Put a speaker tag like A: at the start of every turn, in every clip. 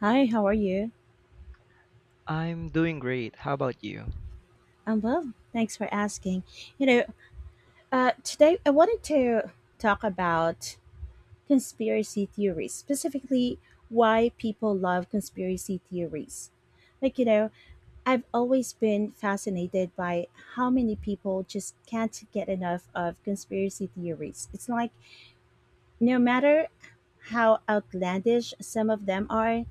A: Hi, how are you?
B: I'm doing great. How about you?
A: I'm well. Thanks for asking. You know, Today I wanted to talk about conspiracy theories, specifically why people love conspiracy theories. Like, I've always been fascinated by how many people just can't get enough of conspiracy theories. It's like no matter how outlandish some of them are,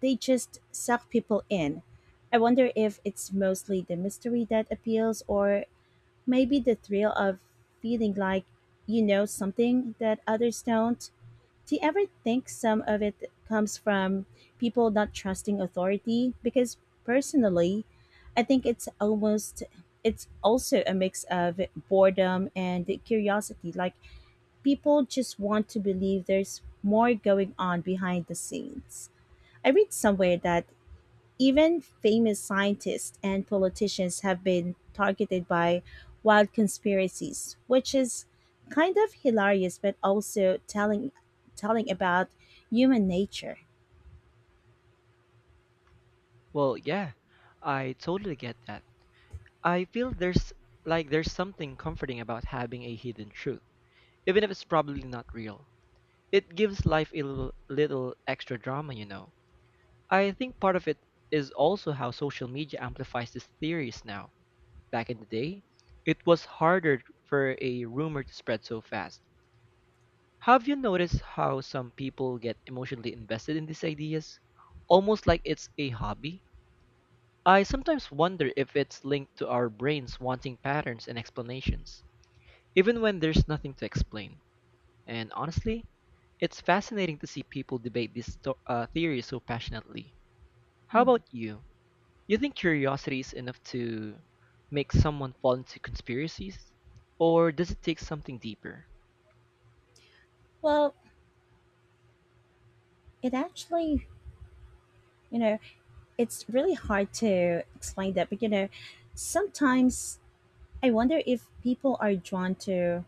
A: they just suck people in. I wonder if it's mostly the mystery that appeals, or maybe the thrill of feeling like you know something that others don't. Do you ever think some of it comes from people not trusting authority? Because personally, I think it's also a mix of boredom and curiosity. Like, people just want to believe there's more going on behind the scenes. I read somewhere that even famous scientists and politicians have been targeted by wild conspiracies, which is kind of hilarious but also telling about human nature.
B: Well, yeah, I totally get that. I feel there's like there's something comforting about having a hidden truth, even if it's probably not real. It gives life a little extra drama, you know. I think part of it is also how social media amplifies these theories now. Back in the day, it was harder for a rumor to spread so fast. Have you noticed how some people get emotionally invested in these ideas? Almost like it's a hobby? I sometimes wonder if it's linked to our brains wanting patterns and explanations, even when there's nothing to explain. And honestly, it's fascinating to see people debate these theories so passionately. How about
A: Mhm.
B: you? You think curiosity is enough to make someone fall into conspiracies? Or does it take something deeper?
A: Well, it actually, you know, it's really hard to explain that, but sometimes I wonder if people are drawn to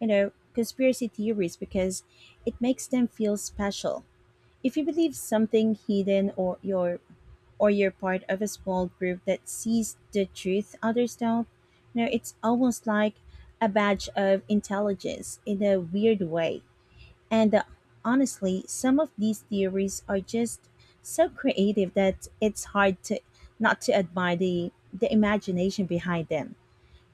A: conspiracy theories because it makes them feel special. If you believe something hidden or you're part of a small group that sees the truth others don't, it's almost like a badge of intelligence in a weird way. And honestly, some of these theories are just so creative that it's hard to not to admire the imagination behind them.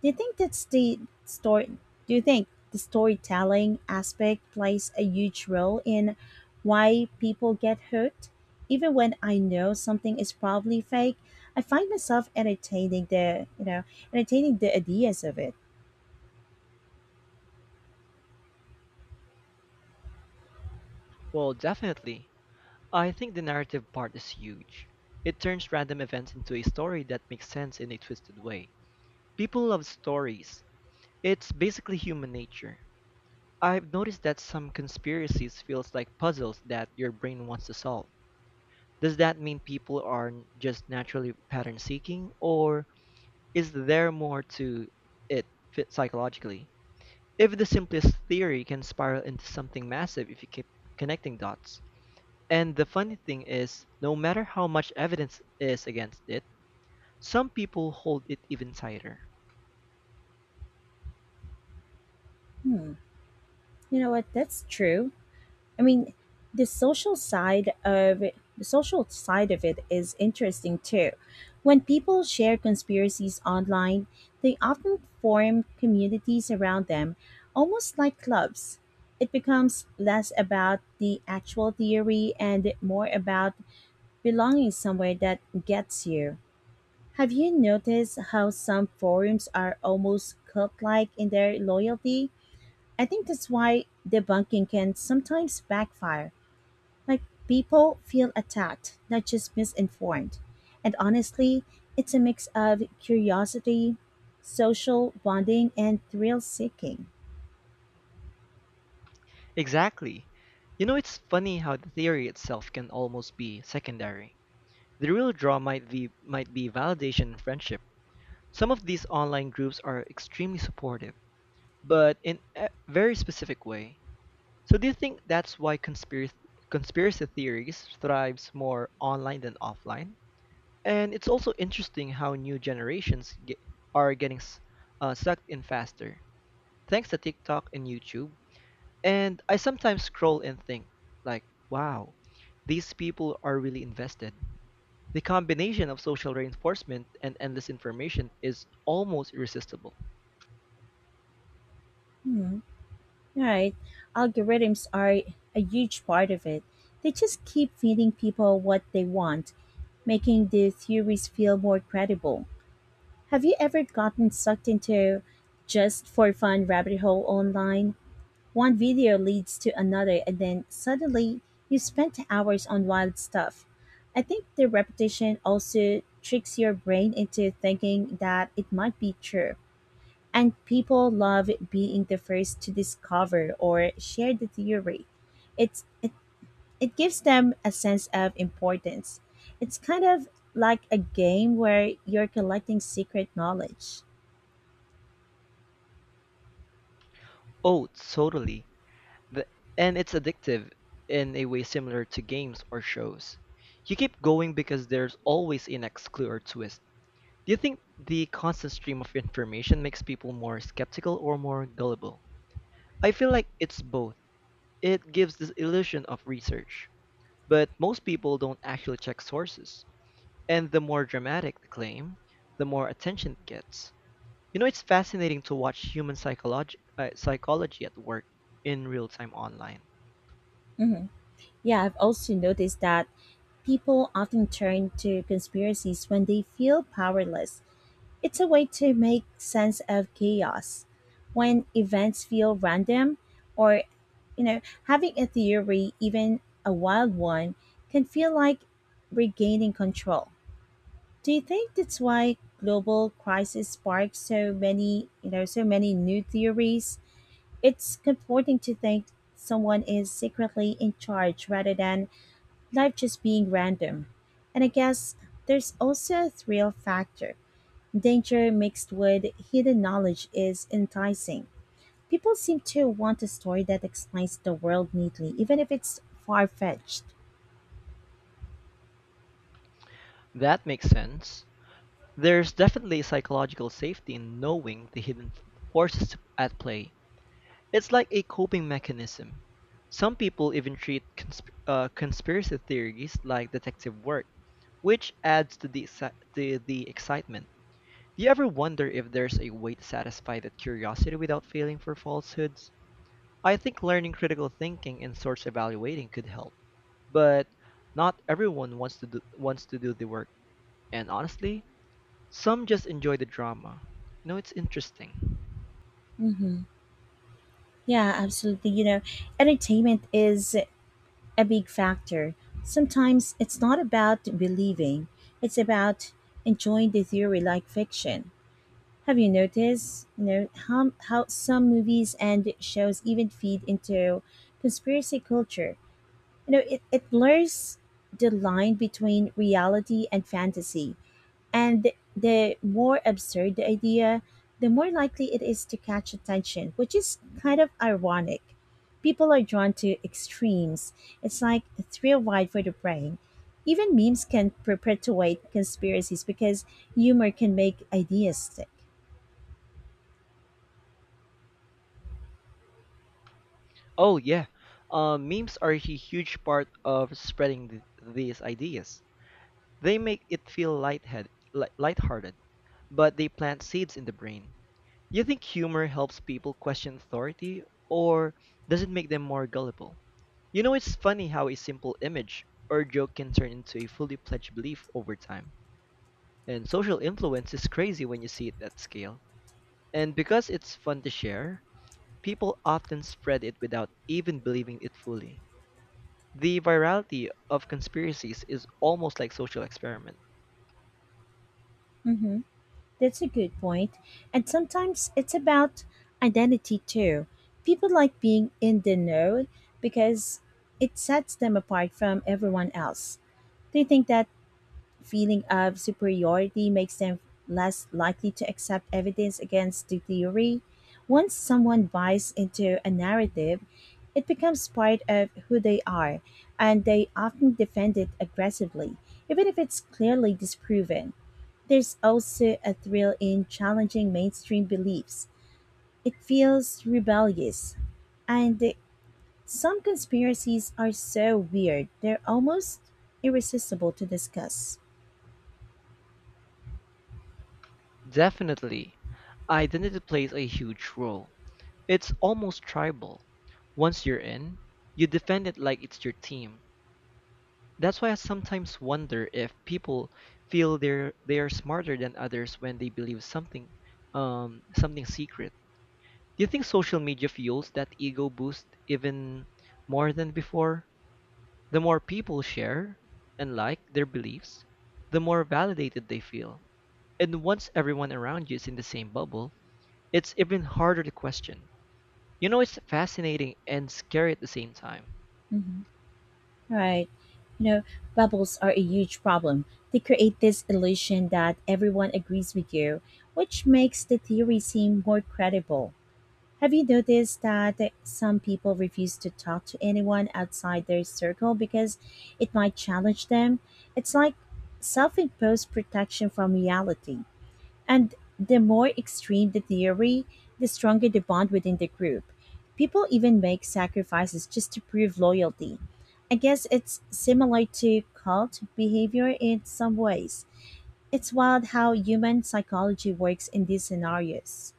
A: Do you think that's the story? Do you think the storytelling aspect plays a huge role in why people get hooked? Even when I know something is probably fake, I find myself entertaining the ideas of it.
B: Well, definitely. I think the narrative part is huge. It turns random events into a story that makes sense in a twisted way. People love stories. It's basically human nature. I've noticed that some conspiracies feels like puzzles that your brain wants to solve. Does that mean people are just naturally pattern seeking, or is there more to it fit psychologically? If the simplest theory can spiral into something massive if you keep connecting dots. And the funny thing is, no matter how much evidence is against it, some people hold it even tighter.
A: Hmm. You know what? That's true. I mean, the social side of the social side of it is interesting too. When people share conspiracies online, they often form communities around them, almost like clubs. It becomes less about the actual theory and more about belonging somewhere that gets you. Have you noticed how some forums are almost cult like in their loyalty? I think that's why debunking can sometimes backfire, like people feel attacked, not just misinformed. And honestly, it's a mix of curiosity, social bonding, and thrill seeking.
B: Exactly. You know, it's funny how the theory itself can almost be secondary. The real draw might be validation and friendship. Some of these online groups are extremely supportive, but in a very specific way. So do you think that's why conspiracy theories thrives more online than offline? And it's also interesting how new generations are getting sucked in faster thanks to TikTok and YouTube. And I sometimes scroll and think like, wow, these people are really invested. The combination of social reinforcement and endless information is almost irresistible.
A: Hmm. All right. Algorithms are a huge part of it. They just keep feeding people what they want, making the theories feel more credible. Have you ever gotten sucked into just for fun rabbit hole online? One video leads to another, and then suddenly you spent hours on wild stuff. I think the repetition also tricks your brain into thinking that it might be true. And people love being the first to discover or share the theory. It's, it, it gives them a sense of importance. It's kind of like a game where you're collecting secret knowledge.
B: Oh, totally. The, and it's addictive in a way similar to games or shows. You keep going because there's always a next clue or twist. Do you think the constant stream of information makes people more skeptical or more gullible? I feel like it's both. It gives this illusion of research, but most people don't actually check sources. And the more dramatic the claim, the more attention it gets. You know, it's fascinating to watch human psychology at work in real time online.
A: Mhm. Yeah, I've also noticed that people often turn to conspiracies when they feel powerless. It's a way to make sense of chaos. When events feel random or, having a theory, even a wild one, can feel like regaining control. Do you think that's why global crisis sparked so many new theories? It's comforting to think someone is secretly in charge rather than life just being random. And I guess there's also a thrill factor. Danger mixed with hidden knowledge is enticing. People seem to want a story that explains the world neatly, even if it's far fetched.
B: That makes sense. There's definitely psychological safety in knowing the hidden forces at play. It's like a coping mechanism. Some people even treat conspiracy theories like detective work, which adds to the excitement. Do you ever wonder if there's a way to satisfy that curiosity without feeling for falsehoods? I think learning critical thinking and source evaluating could help, but not everyone wants to do the work. And honestly, some just enjoy the drama. You know, it's interesting.
A: Mm-hmm. Yeah, absolutely. You know, entertainment is a big factor. Sometimes it's not about believing, it's about enjoying the theory like fiction. Have you noticed how some movies and shows even feed into conspiracy culture? It blurs the line between reality and fantasy. And the more absurd the idea, the more likely it is to catch attention, which is kind of ironic. People are drawn to extremes. It's like a thrill ride for the brain. Even memes can perpetuate conspiracies because humor can make ideas stick.
B: Oh yeah, memes are a huge part of spreading these ideas. They make it feel lighthearted, but they plant seeds in the brain. You think humor helps people question authority, or does it make them more gullible? You know, it's funny how a simple image or joke can turn into a fully fledged belief over time. And social influence is crazy when you see it at scale. And because it's fun to share, people often spread it without even believing it fully. The virality of conspiracies is almost like social experiment.
A: Hmm. That's a good point. And sometimes it's about identity too. People like being in the know because it sets them apart from everyone else. They think that feeling of superiority makes them less likely to accept evidence against the theory. Once someone buys into a narrative, it becomes part of who they are, and they often defend it aggressively, even if it's clearly disproven. There's also a thrill in challenging mainstream beliefs. It feels rebellious. And the- some conspiracies are so weird, they're almost irresistible to discuss.
B: Definitely, identity plays a huge role. It's almost tribal. Once you're in, you defend it like it's your team. That's why I sometimes wonder if people feel they are smarter than others when they believe something something secret. Do you think social media fuels that ego boost even more than before? The more people share and like their beliefs, the more validated they feel. And once everyone around you is in the same bubble, it's even harder to question. You know, it's fascinating and scary at the same time.
A: Hmm. Right. You know, bubbles are a huge problem. They create this illusion that everyone agrees with you, which makes the theory seem more credible. Have you noticed that some people refuse to talk to anyone outside their circle because it might challenge them? It's like self imposed protection from reality. And the more extreme the theory, the stronger the bond within the group. People even make sacrifices just to prove loyalty. I guess it's similar to cult behavior in some ways. It's wild how human psychology works in these scenarios.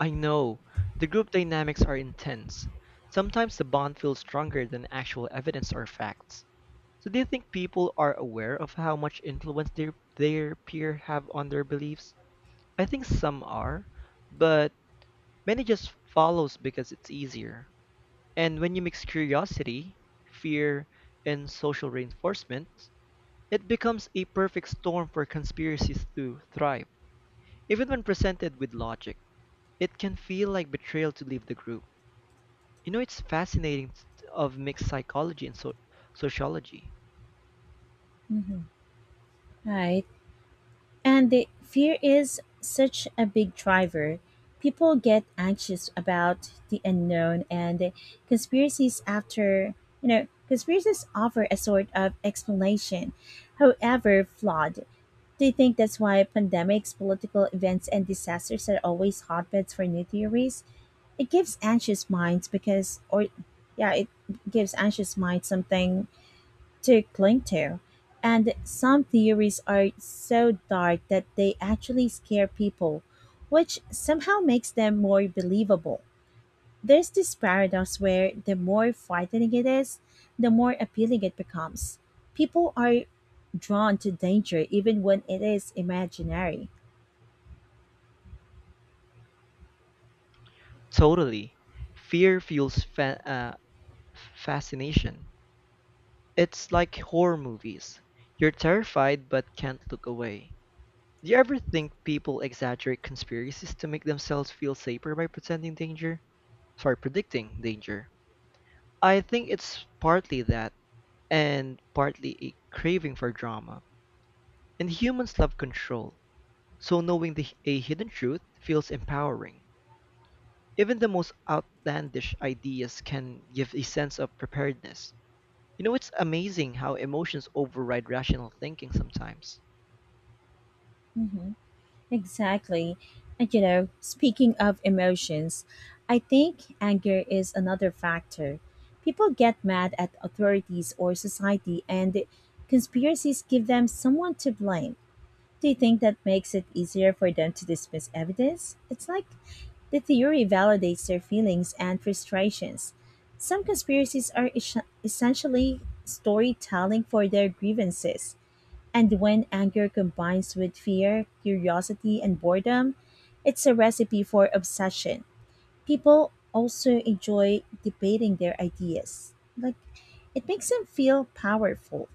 B: I know. The group dynamics are intense. Sometimes the bond feels stronger than actual evidence or facts. So do you think people are aware of how much influence their peer have on their beliefs? I think some are, but many just follows because it's easier. And when you mix curiosity, fear, and social reinforcement, it becomes a perfect storm for conspiracies to thrive. Even when presented with logic, it can feel like betrayal to leave the group. You know, it's fascinating of mixed psychology and sociology.
A: Mhm. Right. And the fear is such a big driver. People get anxious about the unknown, and conspiracies after, you know, conspiracies offer a sort of explanation, however flawed. Do you think that's why pandemics, political events, and disasters are always hotbeds for new theories? It gives anxious minds because, or yeah, it gives anxious minds something to cling to. And some theories are so dark that they actually scare people, which somehow makes them more believable. There's this paradox where the more frightening it is, the more appealing it becomes. People are drawn to danger even when it is imaginary.
B: Totally. Fear fuels fascination. It's like horror movies. You're terrified but can't look away. Do you ever think people exaggerate conspiracies to make themselves feel safer by pretending danger? Sorry, predicting danger. I think it's partly that and partly a craving for drama. And humans love control. So knowing a hidden truth feels empowering. Even the most outlandish ideas can give a sense of preparedness. You know, it's amazing how emotions override rational thinking sometimes.
A: Mhm. Exactly. And you know, speaking of emotions, I think anger is another factor. People get mad at authorities or society, and conspiracies give them someone to blame. Do you think that makes it easier for them to dismiss evidence? It's like the theory validates their feelings and frustrations. Some conspiracies are essentially storytelling for their grievances. And when anger combines with fear, curiosity, and boredom, it's a recipe for obsession. People also enjoy debating their ideas. Like, it makes them feel powerful.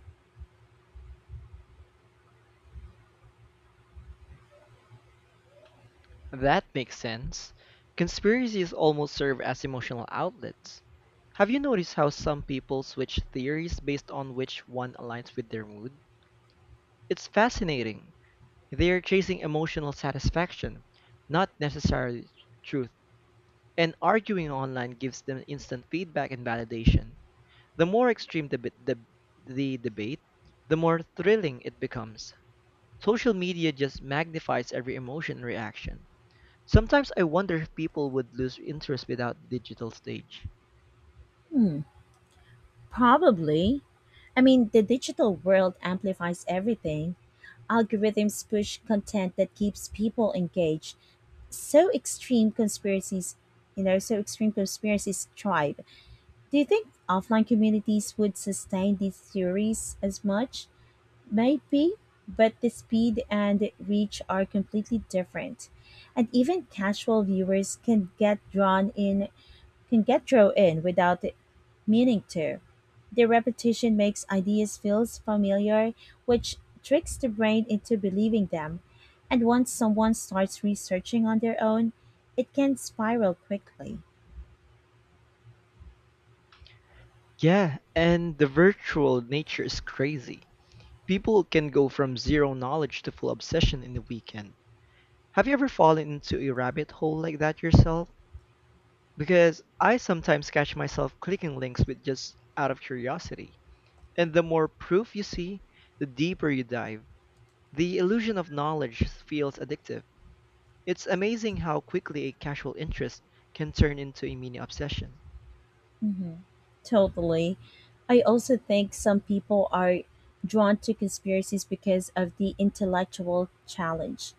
B: That makes sense. Conspiracies almost serve as emotional outlets. Have you noticed how some people switch theories based on which one aligns with their mood? It's fascinating. They are chasing emotional satisfaction, not necessarily truth, and arguing online gives them instant feedback and validation. The more extreme the debate, the more thrilling it becomes. Social media just magnifies every emotion and reaction. Sometimes I wonder if people would lose interest without the digital stage.
A: Hmm, probably. I mean, the digital world amplifies everything. Algorithms push content that keeps people engaged. So extreme conspiracies thrive. Do you think offline communities would sustain these theories as much? Maybe, but the speed and reach are completely different. And even casual viewers can get drawn in without meaning to. The repetition makes ideas feel familiar, which tricks the brain into believing them. And once someone starts researching on their own, it can spiral quickly.
B: Yeah, and the virtual nature is crazy. People can go from zero knowledge to full obsession in a weekend. Have you ever fallen into a rabbit hole like that yourself? Because I sometimes catch myself clicking links with just out of curiosity. And the more proof you see, the deeper you dive. The illusion of knowledge feels addictive. It's amazing how quickly a casual interest can turn into a mini obsession.
A: Mhm. Totally. I also think some people are drawn to conspiracies because of the intellectual challenge.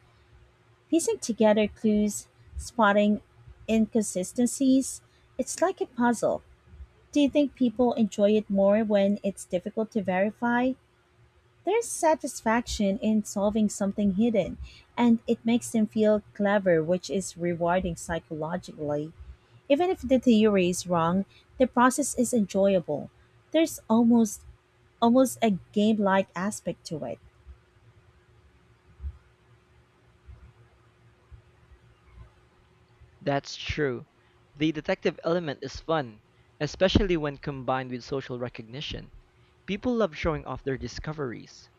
A: Piecing together clues, spotting inconsistencies, it's like a puzzle. Do you think people enjoy it more when it's difficult to verify? There's satisfaction in solving something hidden, and it makes them feel clever, which is rewarding psychologically. Even if the theory is wrong, the process is enjoyable. There's almost a game-like aspect to it.
B: That's true. The detective element is fun, especially when combined with social recognition. People love showing off their discoveries.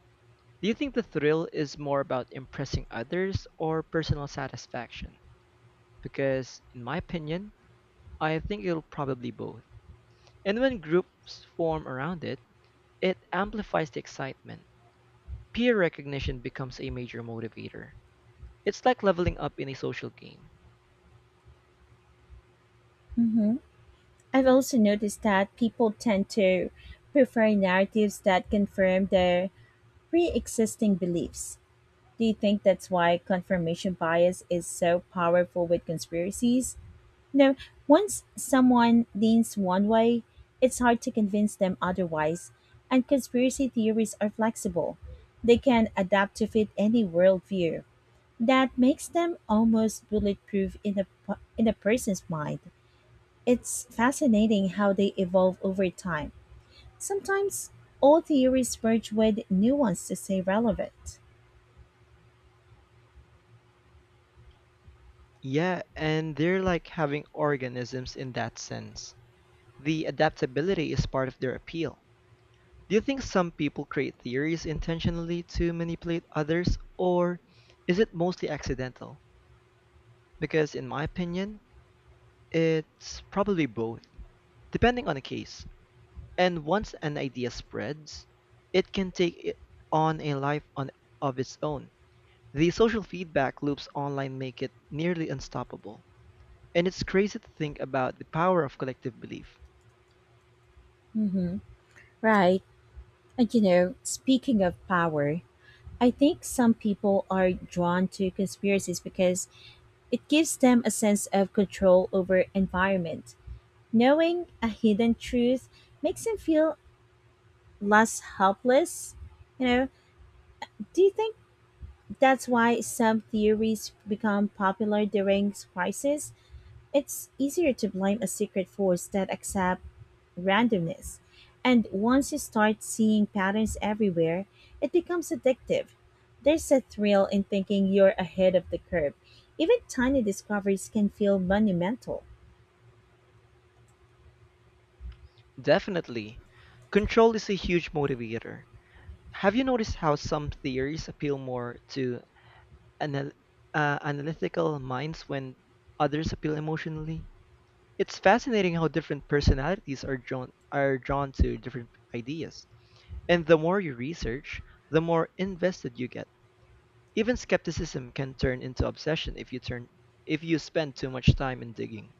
B: Do you think the thrill is more about impressing others or personal satisfaction? Because, in my opinion, I think it'll probably both. And when groups form around it, it amplifies the excitement. Peer recognition becomes a major motivator. It's like leveling up in a social game.
A: Hmm. I've also noticed that people tend to prefer narratives that confirm their pre-existing beliefs. Do you think that's why confirmation bias is so powerful with conspiracies? No, once someone leans one way, it's hard to convince them otherwise, and conspiracy theories are flexible. They can adapt to fit any worldview. That makes them almost bulletproof in a, in a person's mind. It's fascinating how they evolve over time. Sometimes old theories merge with new ones to stay relevant.
B: Yeah, and they're like having organisms in that sense. The adaptability is part of their appeal. Do you think some people create theories intentionally to manipulate others, or is it mostly accidental? Because, in my opinion, it's probably both, depending on the case. And once an idea spreads, it can take it on a life on, of its own. The social feedback loops online make it nearly unstoppable. And it's crazy to think about the power of collective belief.
A: Hmm. Right. And you know, speaking of power, I think some people are drawn to conspiracies because it gives them a sense of control over environment. Knowing a hidden truth makes them feel less helpless. You know, do you think that's why some theories become popular during crisis? It's easier to blame a secret force that accept randomness. And once you start seeing patterns everywhere, it becomes addictive. There's a thrill in thinking you're ahead of the curve. Even tiny discoveries can feel monumental.
B: Definitely, control is a huge motivator. Have you noticed how some theories appeal more to anal- analytical minds when others appeal emotionally? It's fascinating how different personalities are drawn to different ideas. And the more you research, the more invested you get. Even skepticism can turn into obsession if you spend too much time in digging.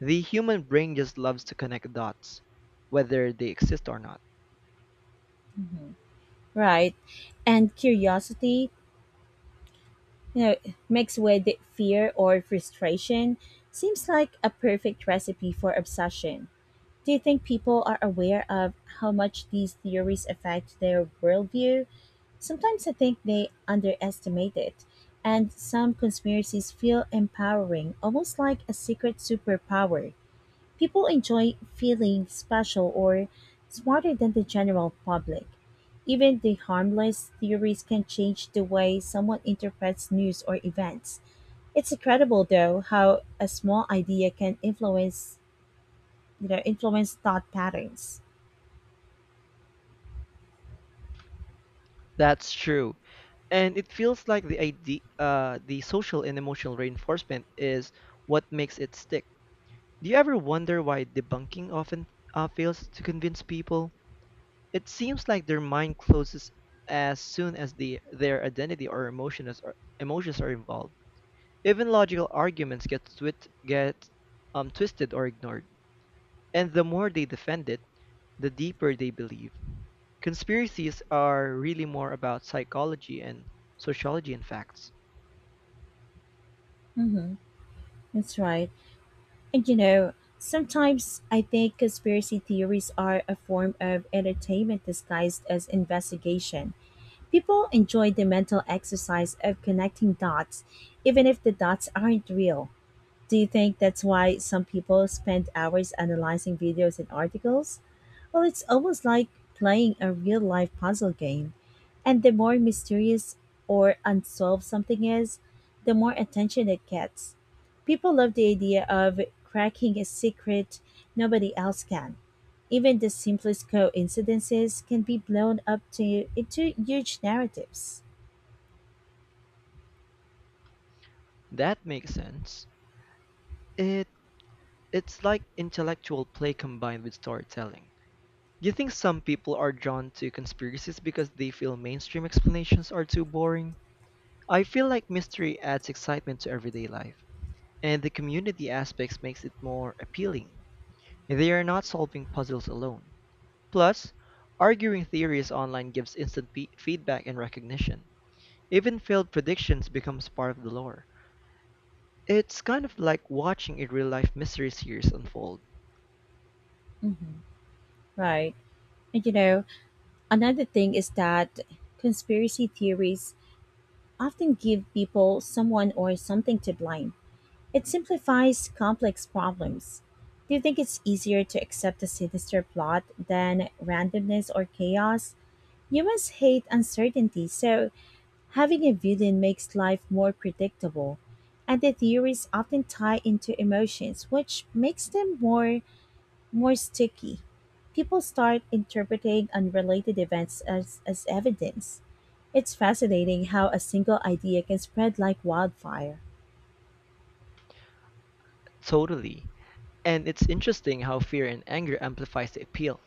B: The human brain just loves to connect dots, whether they exist or not.
A: Hmm. Right. And curiosity, you know, mixed with fear or frustration, seems like a perfect recipe for obsession. Do you think people are aware of how much these theories affect their worldview? Sometimes I think they underestimate it, and some conspiracies feel empowering, almost like a secret superpower. People enjoy feeling special or smarter than the general public. Even the harmless theories can change the way someone interprets news or events. It's incredible though how a small idea can influence you know influence thought patterns.
B: That's true. And it feels like the social and emotional reinforcement is what makes it stick. Do you ever wonder why debunking often fails to convince people? It seems like their mind closes as soon as their identity or emotions are involved. Even logical arguments get twisted or ignored. And the more they defend it, the deeper they believe. Conspiracies are really more about psychology and sociology and facts.
A: Mm-hmm. That's right. And sometimes I think conspiracy theories are a form of entertainment disguised as investigation. People enjoy the mental exercise of connecting dots, even if the dots aren't real. Do you think that's why some people spend hours analyzing videos and articles? Well, it's almost like playing a real life puzzle game. And the more mysterious or unsolved something is, the more attention it gets. People love the idea of cracking a secret nobody else can. Even the simplest coincidences can be blown up to into huge narratives.
B: That makes sense. It, it's like intellectual play combined with storytelling. Do you think some people are drawn to conspiracies because they feel mainstream explanations are too boring? I feel like mystery adds excitement to everyday life, and the community aspects makes it more appealing. They are not solving puzzles alone. Plus, arguing theories online gives instant feedback and recognition. Even failed predictions becomes part of the lore. It's kind of like watching a real-life mystery series unfold.
A: Hmm. Right. And you know, another thing is that conspiracy theories often give people someone or something to blame. It simplifies complex problems. Do you think it's easier to accept a sinister plot than randomness or chaos? Humans hate uncertainty, so having a villain makes life more predictable. And the theories often tie into emotions, which makes them more sticky. People start interpreting unrelated events as evidence. It's fascinating how a single idea can spread like wildfire.
B: Totally. And it's interesting how fear and anger amplifies the appeal.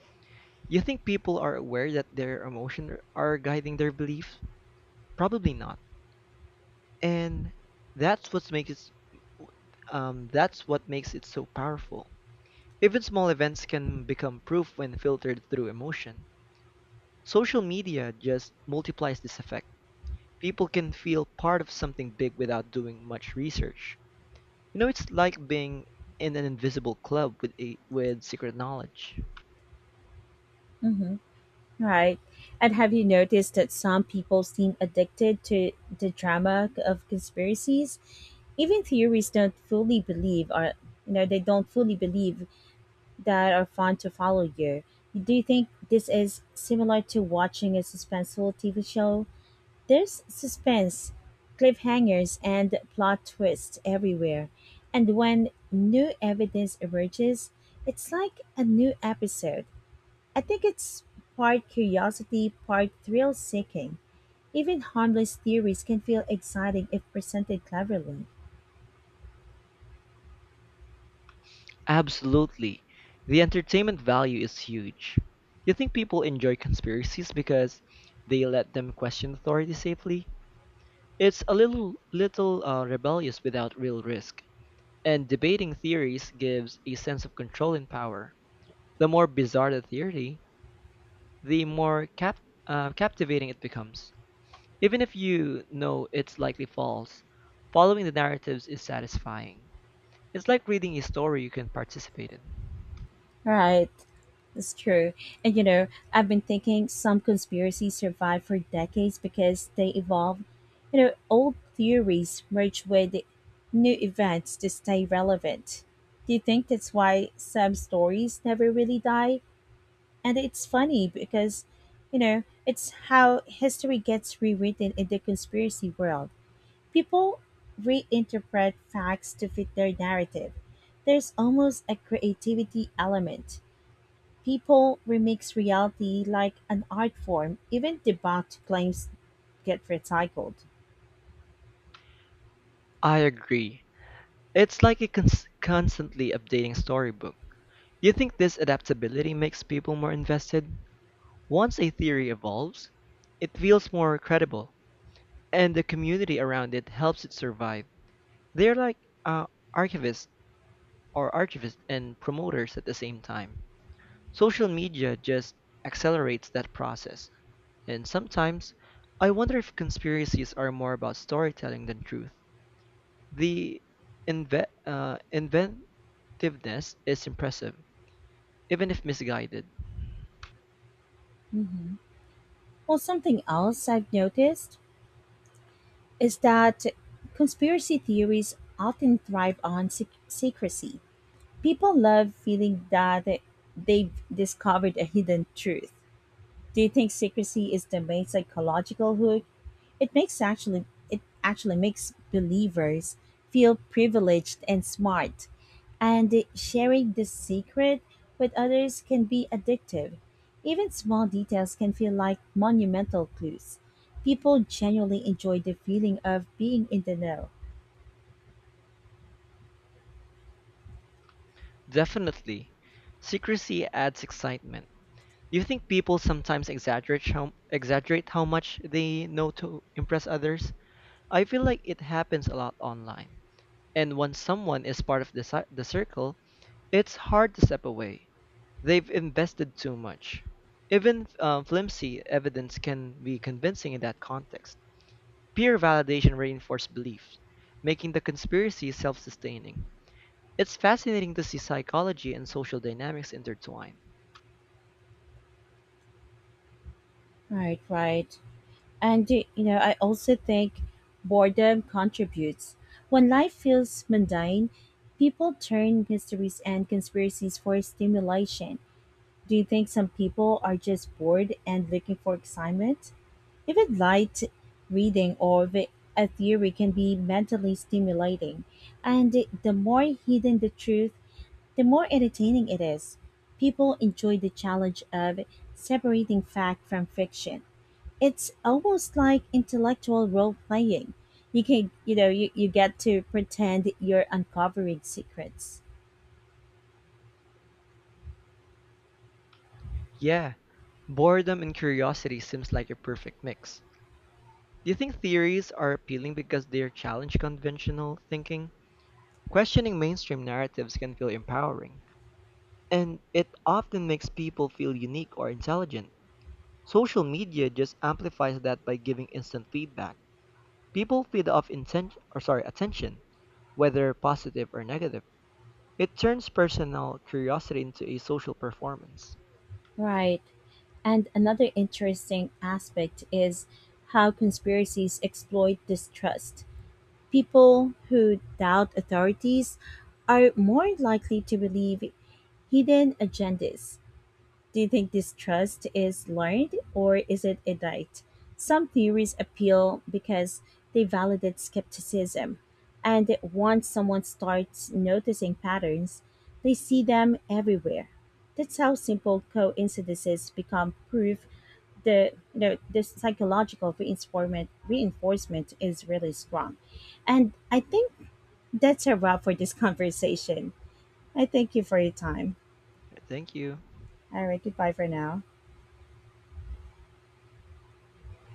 B: You think people are aware that their emotions are guiding their beliefs? Probably not. And that's what makes it that's what makes it so powerful. Even small events can become proof when filtered through emotion. Social media just multiplies this effect. People can feel part of something big without doing much research. You know, it's like being in an invisible club with secret knowledge.
A: Hmm. Right. And have you noticed that some people seem addicted to the drama of conspiracies? Even theories don't fully believe are, you know, they don't fully believe that are fun to follow you. Do you think this is similar to watching a suspenseful TV show? There's suspense, cliffhangers, and plot twists everywhere. And when new evidence emerges, it's like a new episode. I think it's part curiosity, part thrill seeking. Even harmless theories can feel exciting if presented cleverly.
B: Absolutely. The entertainment value is huge. You think people enjoy conspiracies because they let them question authority safely? It's a little rebellious without real risk. And debating theories gives a sense of control and power. The more bizarre the theory, the more captivating it becomes. Even if you know it's likely false, following the narratives is satisfying. It's like reading a story you can participate in.
A: Right. It's true. And you know, I've been thinking some conspiracies survive for decades because they evolve. You know, old theories merge with new events to stay relevant. Do you think that's why some stories never really die? And it's funny because, you know, it's how history gets rewritten in the conspiracy world. People reinterpret facts to fit their narrative. There's almost a creativity element. People remix reality like an art form, even debunked claims get recycled.
B: I agree. It's like a constantly updating storybook. Do you think this adaptability makes people more invested? Once a theory evolves, it feels more credible, and the community around it helps it survive. They're like uh, archivists archivists and promoters at the same time. Social media just accelerates that process. And sometimes, I wonder if conspiracies are more about storytelling than truth. The inve- uh, inventiveness is impressive even if misguided.
A: Hmm. Well, something else I've noticed is that conspiracy theories often thrive on secrecy. People love feeling that they've discovered a hidden truth. Do you think secrecy is the main psychological hook? It makes actually it actually makes believers feel privileged and smart, and sharing this secret with others can be addictive. Even small details can feel like monumental clues. People genuinely enjoy the feeling of being in the know.
B: Definitely. Secrecy adds excitement. Do you think people sometimes exaggerate how much they know to impress others? I feel like it happens a lot online. And when someone is part of the circle, it's hard to step away. They've invested too much. Even flimsy evidence can be convincing in that context. Peer validation reinforced beliefs, making the conspiracy self sustaining. It's fascinating to see psychology and social dynamics intertwine.
A: Right, right. And I also think boredom contributes. When life feels mundane, people turn mysteries and conspiracies for stimulation. Do you think some people are just bored and looking for excitement? Even light reading or a theory can be mentally stimulating, and the more hidden the truth, the more entertaining it is. People enjoy the challenge of separating fact from fiction. It's almost like intellectual role playing. You can, you know, you get to pretend you're uncovering secrets.
B: Yeah, boredom and curiosity seems like a perfect mix. Do you think theories are appealing because they challenge conventional thinking? Questioning mainstream narratives can feel empowering, and it often makes people feel unique or intelligent. Social media just amplifies that by giving instant feedback. People feed off attention, whether positive or negative. It turns personal curiosity into a social performance.
A: Right. And another interesting aspect is how conspiracies exploit distrust. People who doubt authorities are more likely to believe hidden agendas. Do you think distrust is learned or is it innate? Some theories appeal because they validate skepticism, and once someone starts noticing patterns, they see them everywhere. That's how simple coincidences become proof. The you know the psychological reinforcement is really strong. And I think that's a wrap for this conversation. I thank you for your time.
B: Thank you.
A: All right, goodbye for now.